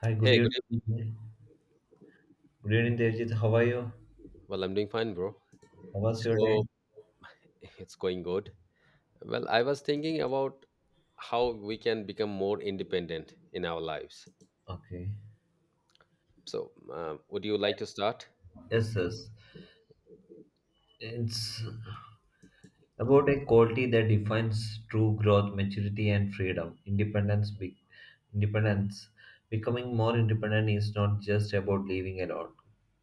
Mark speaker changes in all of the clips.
Speaker 1: Hi, good
Speaker 2: Hey, good evening.
Speaker 1: evening. Good evening, Devjit. How are you?
Speaker 2: Well, I'm doing fine, bro.
Speaker 1: How was your
Speaker 2: So,
Speaker 1: day?
Speaker 2: it's going good. Well, I was thinking about how we can become more independent in our lives.
Speaker 1: Okay.
Speaker 2: So, would you like to start?
Speaker 1: Yes, yes. It's about a quality that defines true growth, maturity, and freedom. Independence. Becoming more independent is not just about living alone,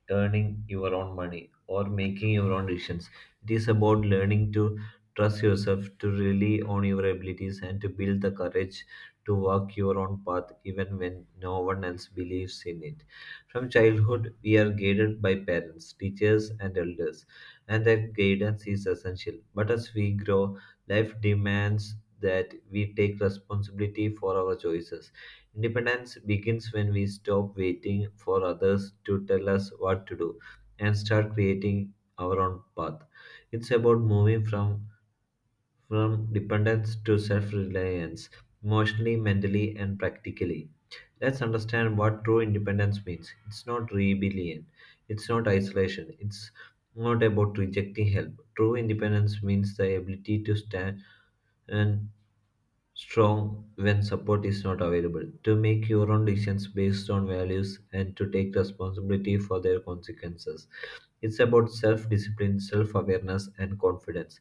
Speaker 1: earning your own money, or making your own decisions. It is about learning to trust yourself, to rely on your abilities, and to build the courage to walk your own path even when no one else believes in it. From childhood, we are guided by parents, teachers, and elders, and that guidance is essential. But as we grow, life demands that we take responsibility for our choices. Independence begins when we stop waiting for others to tell us what to do and start creating our own path. It's about moving from dependence to self-reliance, emotionally, mentally, and practically. Let's understand what true independence means. It's not rebellion. It's not isolation. It's not about rejecting help. True independence means the ability to stand and strong when support is not available, to make your own decisions based on values and to take responsibility for their consequences. It's about self discipline, self awareness, and confidence.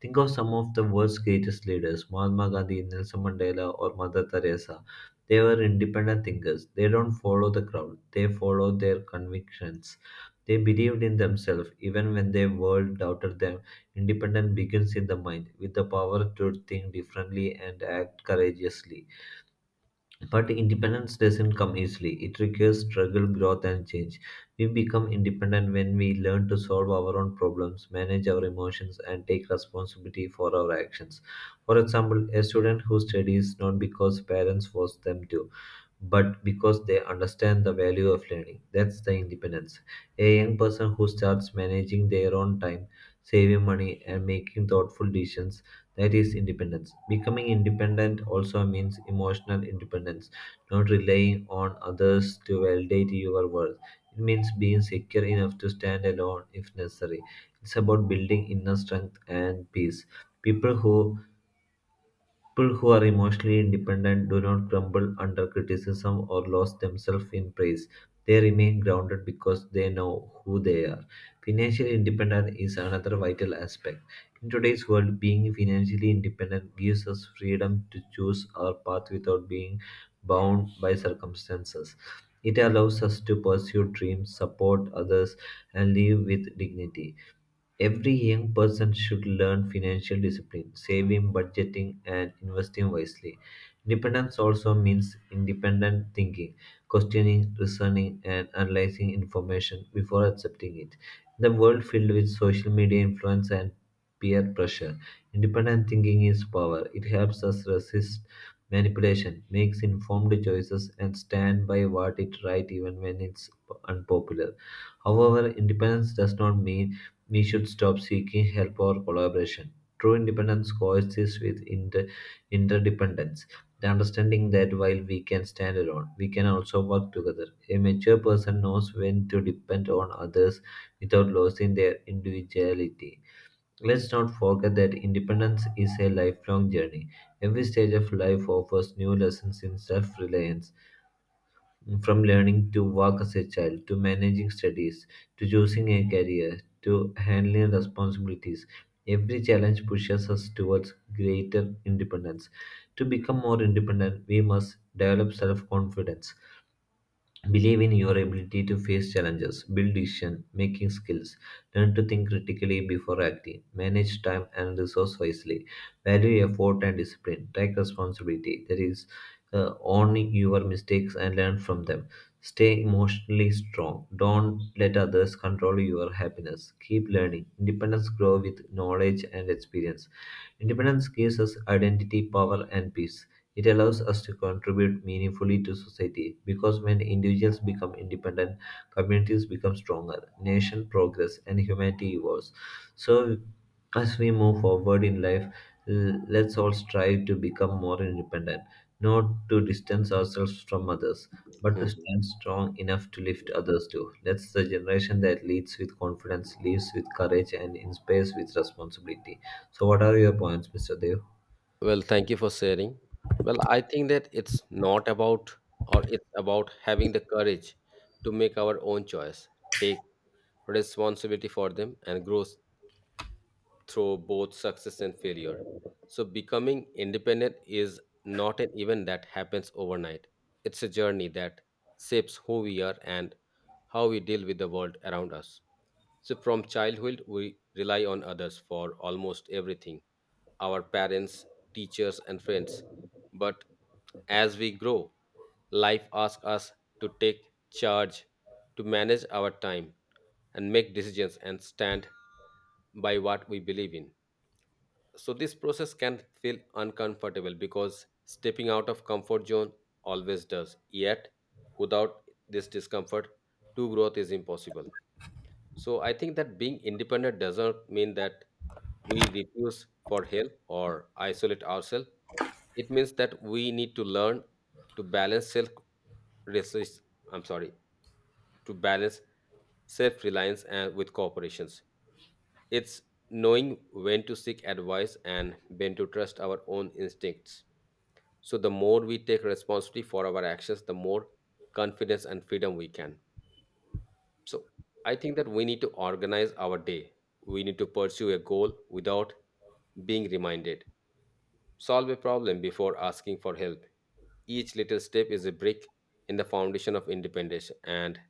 Speaker 1: Think of some of the world's greatest leaders: Mahatma Gandhi, Nelson Mandela, or Mother Teresa. They were independent thinkers. They don't follow the crowd, they follow their convictions. They believed in themselves even when the world doubted them. Independence begins in the mind, with the power to think differently and act courageously. But independence doesn't come easily. It requires struggle, growth, and change. We become independent when we learn to solve our own problems, manage our emotions, and take responsibility for our actions. For example, a student who studies not because parents force them to, but because they understand the value of learning. That's the independence. A young person who starts managing their own time, saving money, and making thoughtful decisions, that is independence. Becoming independent also means emotional independence, not relying on others to validate your worth. It means being secure enough to stand alone if necessary. It's about building inner strength and peace. People who People who are emotionally independent do not crumble under criticism or lose themselves in praise. They remain grounded because they know who they are. Financial independence is another vital aspect. In today's world, being financially independent gives us freedom to choose our path without being bound by circumstances. It allows us to pursue dreams, support others, and live with dignity. Every young person should learn financial discipline, saving, budgeting, and investing wisely. Independence also means independent thinking, questioning, reasoning, and analyzing information before accepting it. In the world filled with social media influence and peer pressure, independent thinking is power. It helps us resist manipulation, makes informed choices, and stand by what is right even when it's unpopular. However, independence does not mean we should stop seeking help or collaboration. True independence coexists with interdependence, the understanding that while we can stand alone, we can also work together. A mature person knows when to depend on others without losing their individuality. Let's not forget that independence is a lifelong journey. Every stage of life offers new lessons in self reliance, from learning to work as a child, to managing studies, to choosing a career, to handling responsibilities, every challenge pushes us towards greater independence. To become more independent, we must develop self confidence. Believe in your ability to face challenges, build decision making skills, learn to think critically before acting, manage time and resource wisely, value effort and discipline, take responsibility, that is, own your mistakes and learn from them, stay emotionally strong, don't let others control your happiness, keep learning. Independence grow with knowledge and experience. Independence gives us identity, power, and peace. It allows us to contribute meaningfully to society because when individuals become independent, communities become stronger, nation progress, and humanity evolves. So, as we move forward in life, let's all strive to become more independent, not to distance ourselves from others, but to
Speaker 2: Mm.
Speaker 1: stand strong enough to lift others too. Let's the generation that leads with confidence, lives with courage, and inspires with responsibility. So, what are your points, Mr. Dev?
Speaker 2: Well, thank you for sharing. Well, I think that it's not about or it's about having the courage to make our own choice, take responsibility for them, and grow through both success and failure. So, becoming independent is not an event that happens overnight. It's a journey that shapes who we are and how we deal with the world around us. So, from childhood, we rely on others for almost everything: our parents, teachers, and friends. But as we grow, life asks us to take charge, to manage our time, and make decisions and stand by what we believe in. So, this process can feel uncomfortable because stepping out of comfort zone always does. Yet, without this discomfort, true growth is impossible. So I think that being independent doesn't mean that we refuse for help or isolate ourselves. It means that we need to learn to balance self resist I'm sorry, to balance self-reliance and with corporations. It's knowing when to seek advice and when to trust our own instincts. So the more we take responsibility for our actions, the more confidence and freedom we can. So I think that we need to organize our day. We need to pursue a goal without being reminded. Solve a problem before asking for help. Each little step is a brick in the foundation of independence, and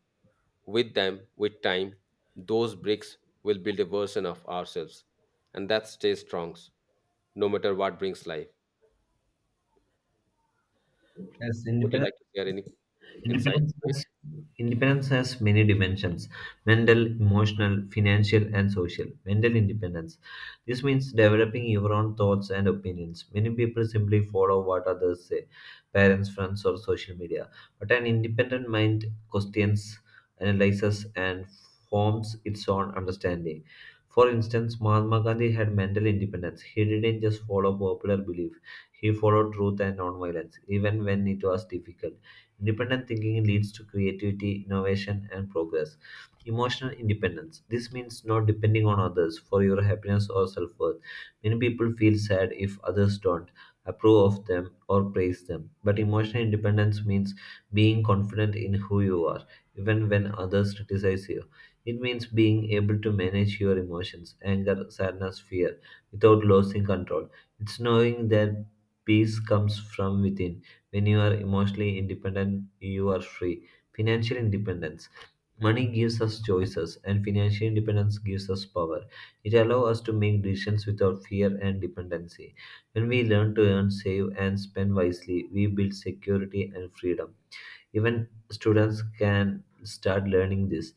Speaker 2: with time, those bricks will build a version of ourselves, and that stays strong, no matter what brings life.
Speaker 1: Yes,
Speaker 2: Would you like to share any insight
Speaker 1: Independence
Speaker 2: to it?
Speaker 1: has, independence has many dimensions: mental, emotional, financial, and social. Mental independence. This means developing your own thoughts and opinions. Many people simply follow what others say, parents, friends, or social media. But an independent mind questions, analyzes, and forms its own understanding. For instance, Mahatma Gandhi had mental independence. He didn't just follow popular belief, he followed truth and nonviolence, even when it was difficult. Independent thinking leads to creativity, innovation, and progress. Emotional independence. This means not depending on others for your happiness or self worth. Many people feel sad if others don't approve of them or praise them. But emotional independence means being confident in who you are, even when others criticize you. It means being able to manage your emotions, anger, sadness, fear, without losing control. It's knowing that peace comes from within. When you are emotionally independent, you are free. Financial independence. Money gives us choices, and financial independence gives us power. It allows us to make decisions without fear and dependency. When we learn to earn, save, and spend wisely, we build security and freedom. Even students can start learning this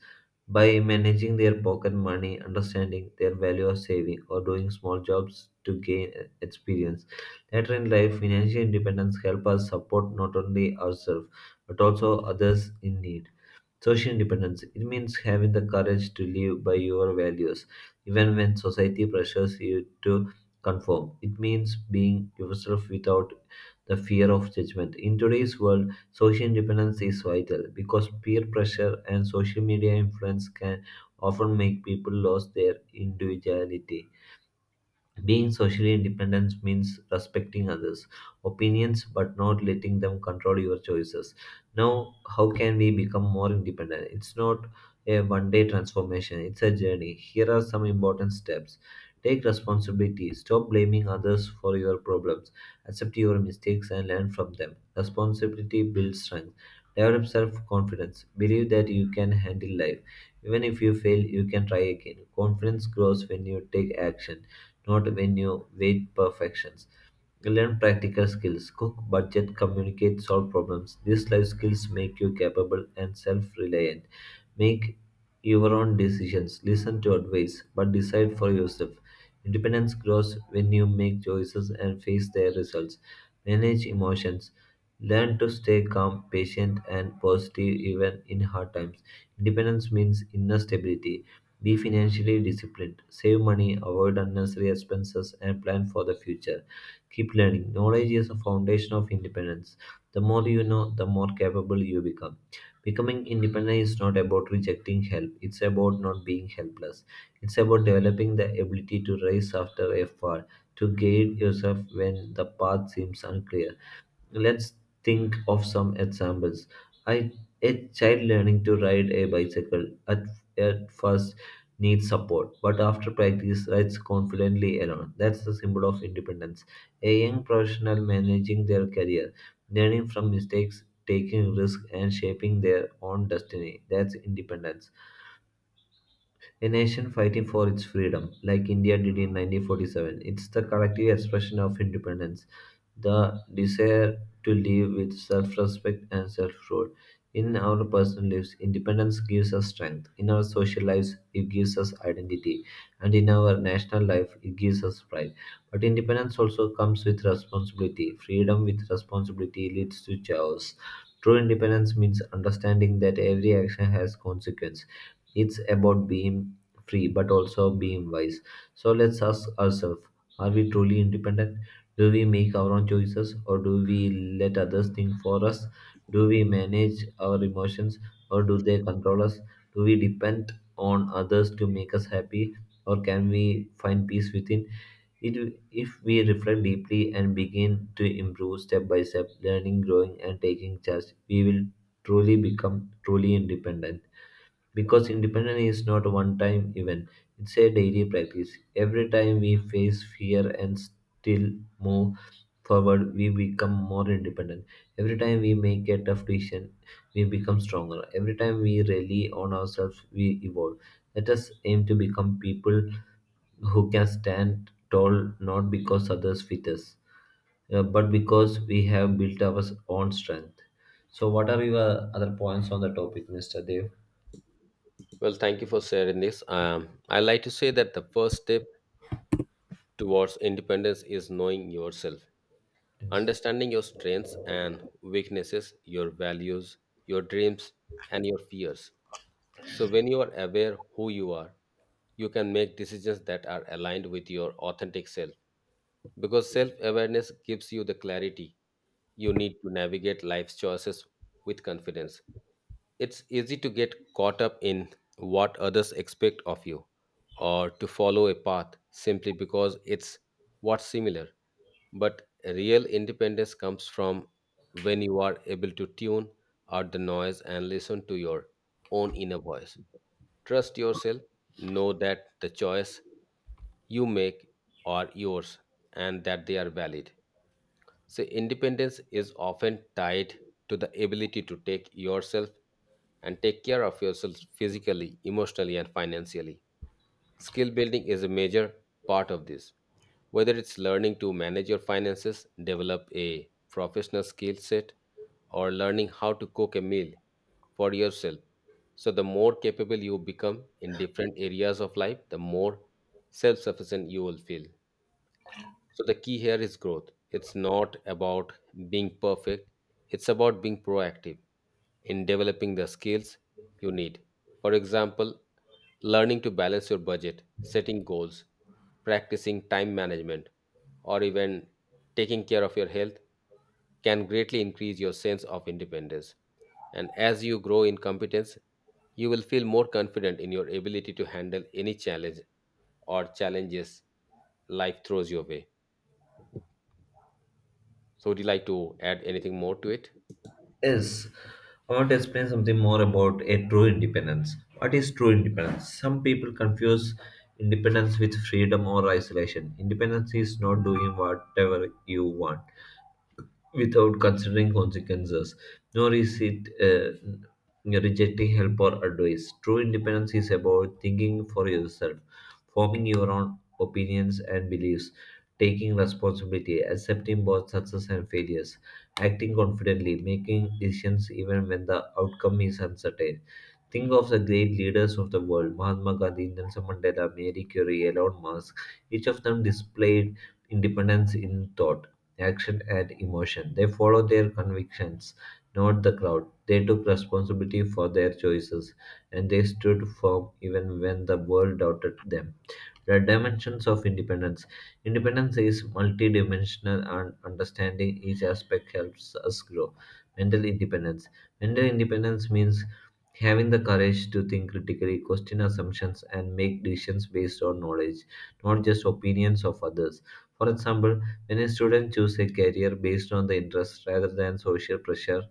Speaker 1: by managing their pocket money, understanding their value of saving, or doing small jobs to gain experience. Later in life, financial independence help us support not only ourselves but also others in need. Social independence. It means having the courage to live by your values, even when society pressures you to conform. It means being yourself without the fear of judgment. In today's world, social independence is vital because peer pressure and social media influence can often make people lose their individuality. Being socially independent means respecting others' opinions but not letting them control your choices. Now, how can we become more independent? It's not a 1 day transformation, it's a journey. Here are some important steps. Take responsibility. Stop blaming others for your problems. Accept your mistakes and learn from them. Responsibility builds strength. Develop self confidence. Believe that you can handle life. Even if you fail, you can try again. Confidence grows when you take action, not when you wait perfections. Learn practical skills. Cook, budget, communicate, solve problems. These life skills make you capable and self reliant. Make your own decisions. Listen to advice, but decide for yourself. Independence grows when you make choices and face their results. Manage emotions. Learn to stay calm, patient, and positive even in hard times. Independence means inner stability. Be financially disciplined. Save money, avoid unnecessary expenses, and plan for the future. Keep learning. Knowledge is a foundation of independence. The more you know, the more capable you become. Becoming independent is not about rejecting help, it's about not being helpless. It's about developing the ability to rise after a fall, to guide yourself when the path seems unclear. Let's think of some examples. I, a child learning to ride a bicycle at first needs support, but after practice rides confidently alone. That's the symbol of independence. A young professional managing their career, learning from mistakes, taking risks, and shaping their own destiny. That's independence. A nation fighting for its freedom, like India did in 1947. It's the collective expression of independence, the desire to live with self respect and self rule. In our personal lives, independence gives us strength. In our social lives, it gives us identity. And in our national life, it gives us pride. But independence also comes with responsibility. Freedom with responsibility leads to chaos. True independence means understanding that every action has consequence. It's about being free but also being wise. So let's ask ourselves, are we truly independent? Do we make our own choices or do we let others think for us? Do we manage our emotions or do they control us? Do we depend on others to make us happy or can we find peace within? If we reflect deeply and begin to improve step by step, learning, growing, and taking charge, we will truly independent. Because independence is not a one time event, it's a daily practice. Every time we face fear and still move forward, we become more independent. Every time we make a tough decision, we become stronger. Every time we rely on ourselves, we evolve. Let us aim to become people who can stand tall not because others fit us, but because we have built our own strength. So, what are your other points on the topic, Mr. Dev?
Speaker 2: Well, thank you for sharing this. I like to say that the first step towards independence is knowing yourself,
Speaker 1: Yes.
Speaker 2: understanding your strengths and weaknesses, your values, your dreams, and your fears. So, when you are aware who you are, you can make decisions that are aligned with your authentic self. Because self awareness gives you the clarity you need to navigate life's choices with confidence. It's easy to get caught up in what others expect of you or to follow a path simply because it's what's similar. But real independence comes from when you are able to tune out the noise and listen to your own inner voice. Trust yourself, know that the choice you make are yours and that they are valid. So, independence is often tied to the ability to take yourself and take care of yourself physically, emotionally, and financially. Skill building is a major part of this. Whether it's learning to manage your finances, develop a professional skill set, or learning how to cook a meal for yourself. So, the more capable you become in different areas of life, the more self sufficient you will feel. So the key here is growth. It's not about being perfect, it's about being proactive in developing the skills you need. For example, learning to balance your budget, setting goals, practicing time management, or even taking care of your health can greatly increase your sense of independence. And as you grow in competence, you will feel more confident in your ability to handle any challenge or challenges life throws your way. So, would you like to add anything more to it?
Speaker 1: Yes, I want to explain something more about a true independence. What is true independence? Some people confuse independence with freedom or isolation. Independence is not doing whatever you want, without considering consequences, nor is it rejecting help or advice. True independence is about thinking for yourself, forming your own opinions and beliefs, taking responsibility, accepting both success and failures, acting confidently, making decisions even when the outcome is uncertain. Think of the great leaders of the world: Mahatma Gandhi, Nelson Mandela, Mary Curie, Elon Musk. Each of them displayed independence in thought, action, and emotion. They follow their convictions, not the crowd. They took responsibility for their choices, and they stood firm even when the world doubted them. The dimensions of independence. Independence is multidimensional, and understanding each aspect helps us grow. Mental independence. Mental independence means having the courage to think critically, question assumptions, and make decisions based on knowledge, not just opinions of others. For example, when a student chooses a career based on the interest rather than social pressure,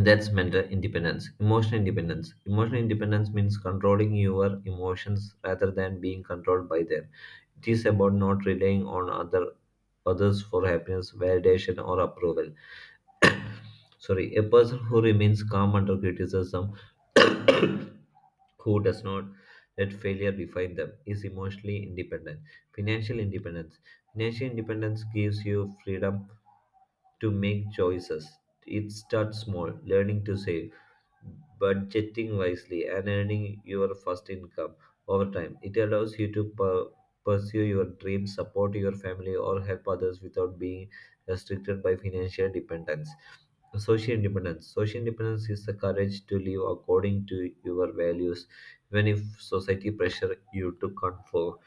Speaker 1: that's mental independence. Emotional independence. Emotional independence means controlling your emotions rather than being controlled by them. It is about not relying on others for happiness, validation, or approval. Sorry, a person who remains calm under criticism, who does not let failure define them, is emotionally independent. Financial independence. Financial independence gives you freedom to make choices. It starts small, learning to save, budgeting wisely, and earning your first income over time. It allows you to pursue your dreams, support your family, or help others without being restricted by financial dependence. Social independence. Social independence is the courage to live according to your values, even if society pressure you to conform.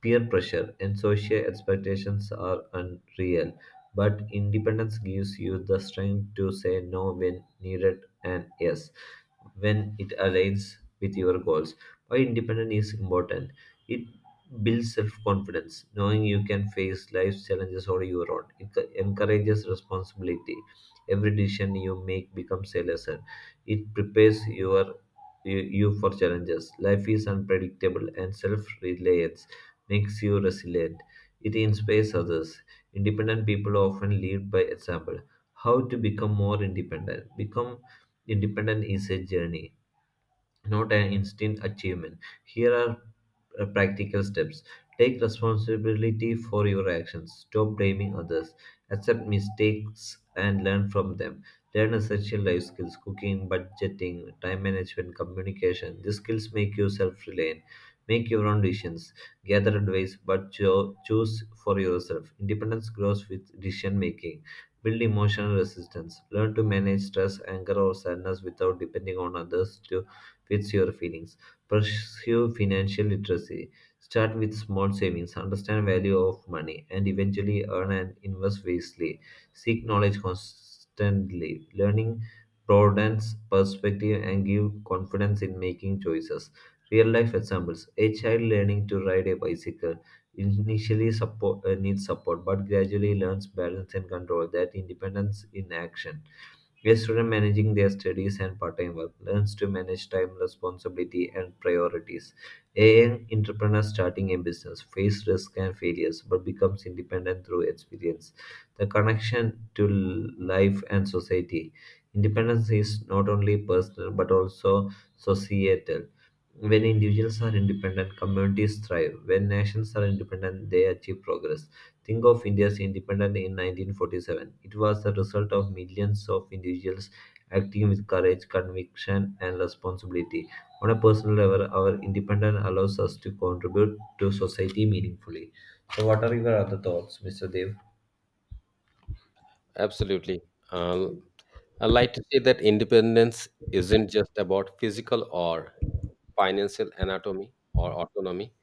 Speaker 1: Peer pressure and social expectations are unreal, but independence gives you the strength to say no when needed and yes when it aligns with your goals. Why independence is important? It builds self confidence, knowing you can face life's challenges on your own. It encourages responsibility. Every decision you make becomes a lesson. It prepares you for challenges. Life is unpredictable, and self reliance makes you resilient. It inspires others. Independent people often lead by example. How to become more independent? Become Independence is a journey, not an instant achievement. Here are practical steps. Take responsibility for your actions. Stop blaming others. Accept mistakes and learn from them. Learn essential life skills: cooking, budgeting, time management, communication. These skills make you self reliant. Make your own decisions. Gather advice, but choose for yourself. Independence grows with decision making. Build emotional resistance. Learn to manage stress, anger, or sadness without depending on others to fits your feelings. Pursue financial literacy. Start with small savings, understand value of money, and eventually earn and invest wisely. Seek knowledge constantly. Learning broadens perspective and give confidence in making choices. Real life examples: a child learning to ride a bicycle initially needs support, but gradually learns balance and control. That independence in action. Where students managing their studies and part-time work learns to manage time, responsibility, and priorities. A young entrepreneur starting a business face risk and failures, but becomes independent through experience. The connection to life and society. Independence is not only personal but also societal. When individuals are independent, communities thrive. When nations are independent, they achieve progress. Think of India's independence in 1947. It was the result of millions of individuals acting with courage, conviction, and responsibility. On a personal level, our independence allows us to contribute to society meaningfully. So, what are your other thoughts, Mr. Dev?
Speaker 2: Absolutely. Um, I'd like to say that independence isn't just about physical or financial anatomy or autonomy,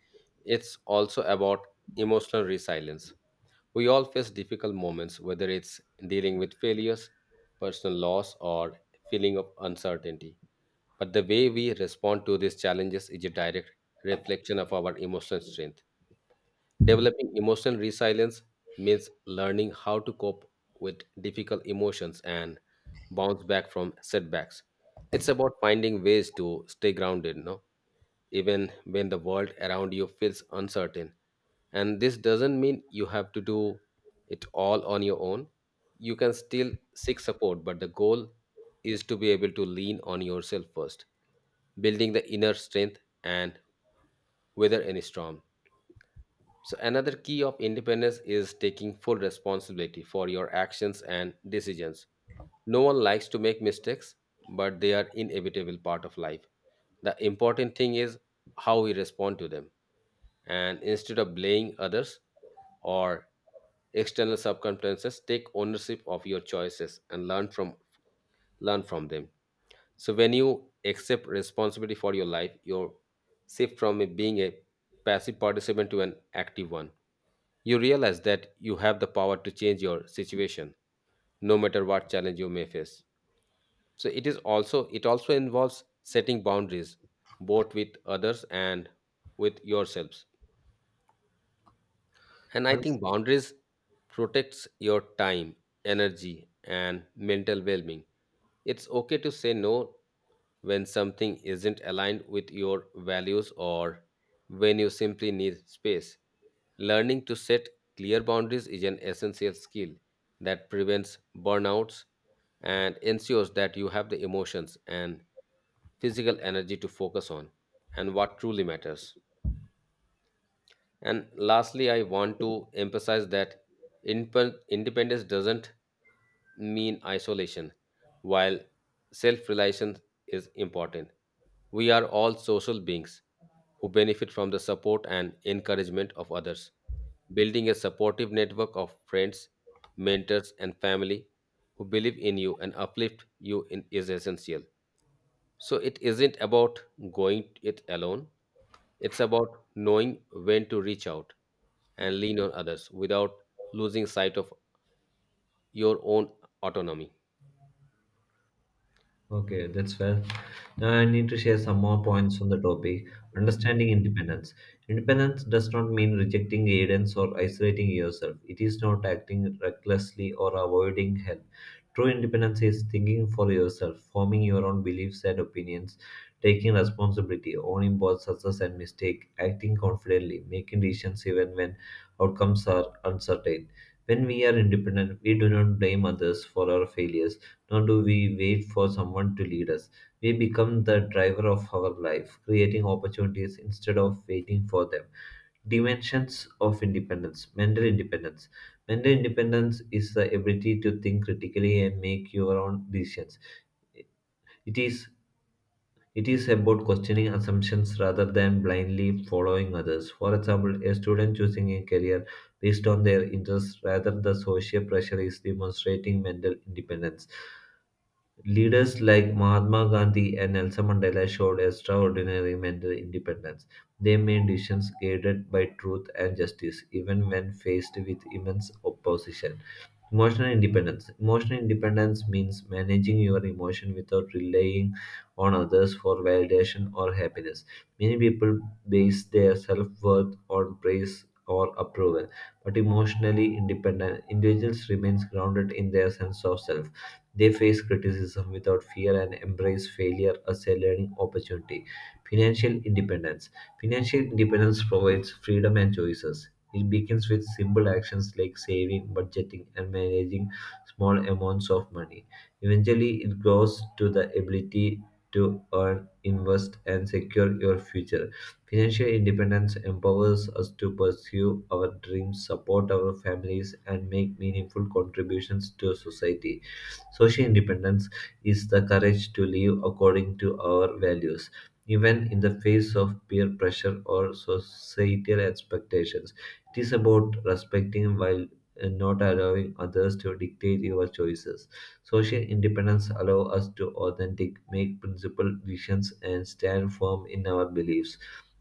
Speaker 2: it's also about emotional resilience. We all face difficult moments, whether it's dealing with failures, personal loss, or feeling of uncertainty. But the way we respond to these challenges is a direct reflection of our emotional strength. Developing emotional resilience means learning how to cope with difficult emotions and bounce back from setbacks. It's about finding ways to stay grounded, no, even when the world around you feels uncertain. And this doesn't mean you have to do it all on your own. You can still seek support, but the goal is to be able to lean on yourself first, building the inner strength and weather any storm. So, another key of independence is taking full responsibility for your actions and decisions. No one likes to make mistakes, but they are inevitable part of life. The important thing is how we respond to them. And instead of blaming others or external circumstances, take ownership of your choices and learn from them. So when you accept responsibility for your life, you shift from being a passive participant to an active one. You realize that you have the power to change your situation no matter what challenge you may face. So it also involves setting boundaries both with others and with yourselves. And I
Speaker 1: One
Speaker 2: think boundaries protects your time, energy and mental well-being. It's okay to say no when something isn't aligned with your values or when you simply need space. Learning to set clear boundaries is an essential skill that prevents burnouts and ensures that you have the emotions and physical energy to focus on and what truly matters. And lastly, I want to emphasize that independence doesn't mean isolation, while self reliance is important. We are all social beings who benefit from the support and encouragement of others. Building a supportive network of friends, mentors, and family who believe in you and uplift you in, is essential. So, it isn't about going it alone, it's about knowing when to reach out and lean on others without losing sight of your own autonomy.
Speaker 1: Okay, that's fair. Now I need to share some more points on the topic. Understanding independence. Independence does not mean rejecting guidance or isolating yourself. It is not acting recklessly or avoiding help. True independence is thinking for yourself, forming your own beliefs and opinions, taking responsibility, owning both success and mistake, acting confidently, making decisions even when outcomes are uncertain. When we are independent, we do not blame others for our failures, nor do we wait for someone to lead us. We become the driver of our life, creating opportunities instead of waiting for them. Dimensions of independence: mental independence. Mental independence is the ability to think critically and make your own decisions. It is it is about questioning assumptions rather than blindly following others. For example, a student choosing a career based on their interests rather the social pressure is demonstrating mental independence. Leaders like Mahatma Gandhi and Nelson Mandela showed extraordinary mental independence. They made decisions guided by truth and justice, even when faced with immense opposition. Emotional independence. Emotional independence means managing your emotion without relying on others for validation or happiness. Many people base their self worth on praise or approval, but emotionally independent individuals remains grounded in their sense of self. They face criticism without fear and embrace failure as a learning opportunity. Financial independence. Financial independence provides freedom and choices. It begins with simple actions like saving, budgeting, and managing small amounts of money. Eventually, it grows to the ability to earn, invest, and secure your future. Financial independence empowers us to pursue our dreams, support our families, and make meaningful contributions to society. Social independence is the courage to live according to our values, even in the face of peer pressure or societal expectations. It is about respecting while not allowing others to dictate your choices. Social independence allows us to authentic, make principled decisions, and stand firm in our beliefs.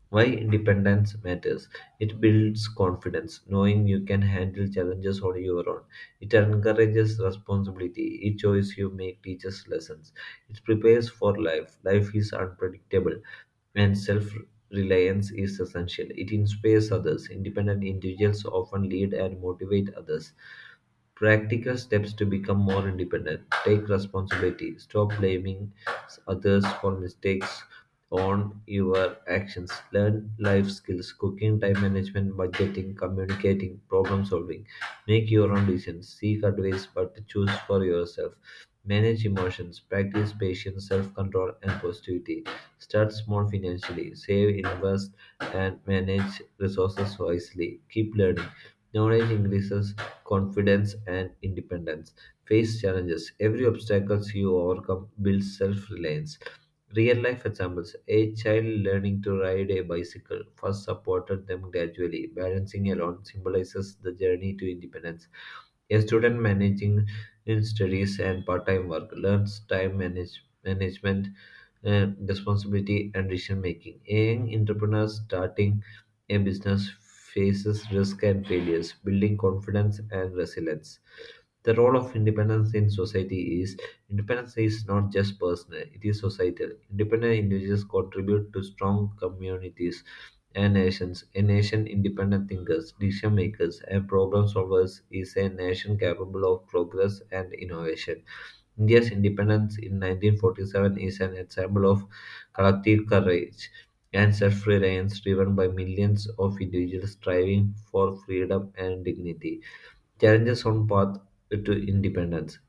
Speaker 1: Why independence matters. It builds confidence, knowing you can handle challenges on your own. It encourages responsibility. Each choice you make teaches lessons. It prepares for life. Life is unpredictable, and self reliance is essential. It inspires others. Independent individuals often lead and motivate others. Practical steps to become more independent: take responsibility. Stop blaming others for mistakes. On your actions. Learn life skills: cooking, time management, budgeting, communicating, problem solving. Make your own decisions. Seek advice, but choose for yourself. Manage emotions. Practice patience, self control, and positivity. Start small financially. Save, invest, and manage resources wisely. Keep learning. Knowledge increases confidence and independence. Face challenges. Every obstacle you overcome builds self reliance. Real life examples: a child learning to ride a bicycle first supported them gradually. Balancing alone symbolizes the journey to independence. A student managing in studies and part time work learns time management, responsibility, and decision making. A young entrepreneur starting a business faces risk and failures, building confidence and resilience. The role of independence in society is: independence is not just personal, it is societal. Independent individuals contribute to strong communities and nations. A nation independent thinkers, decision makers, and problem solvers is a nation capable of progress and innovation. India's independence in 1947 is an example of collective courage and self-reliance driven by millions of individuals striving for freedom and dignity. Challenges on path to independence.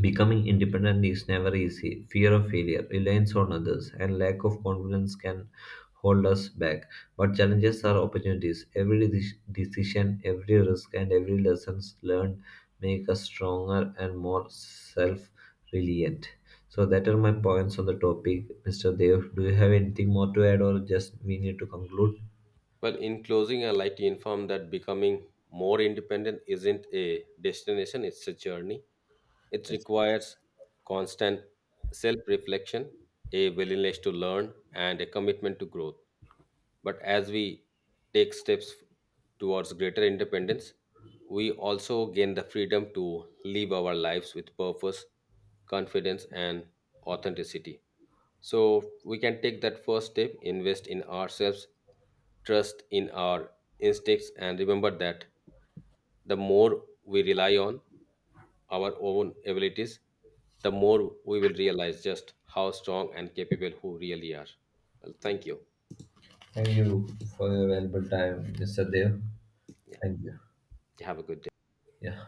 Speaker 1: Becoming independent is never easy. Fear of failure, reliance on others, and lack of confidence can hold us back. But challenges are opportunities. Every decision, every risk, and every lessons learned make us stronger and more self-reliant. So that are my points on the topic, Mr. Dev. Do you have anything more to add, or just we need to conclude?
Speaker 2: Well, in closing, I'd like to inform that becoming more independent isn't a destination, it's a journey. It requires constant self reflection, a willingness to learn, and a commitment to growth. But as we take steps towards greater independence, we also gain the freedom to live our lives with purpose, confidence, and authenticity. So we can take that first step, invest in ourselves, trust in our instincts, and remember that the more we rely on our own abilities, the more we will realize just how strong and capable who really are. Well, thank you.
Speaker 1: Thank you for your valuable time, Mr. Dev.
Speaker 2: Yeah,
Speaker 1: Thank you.
Speaker 2: have a good day.
Speaker 1: Yeah.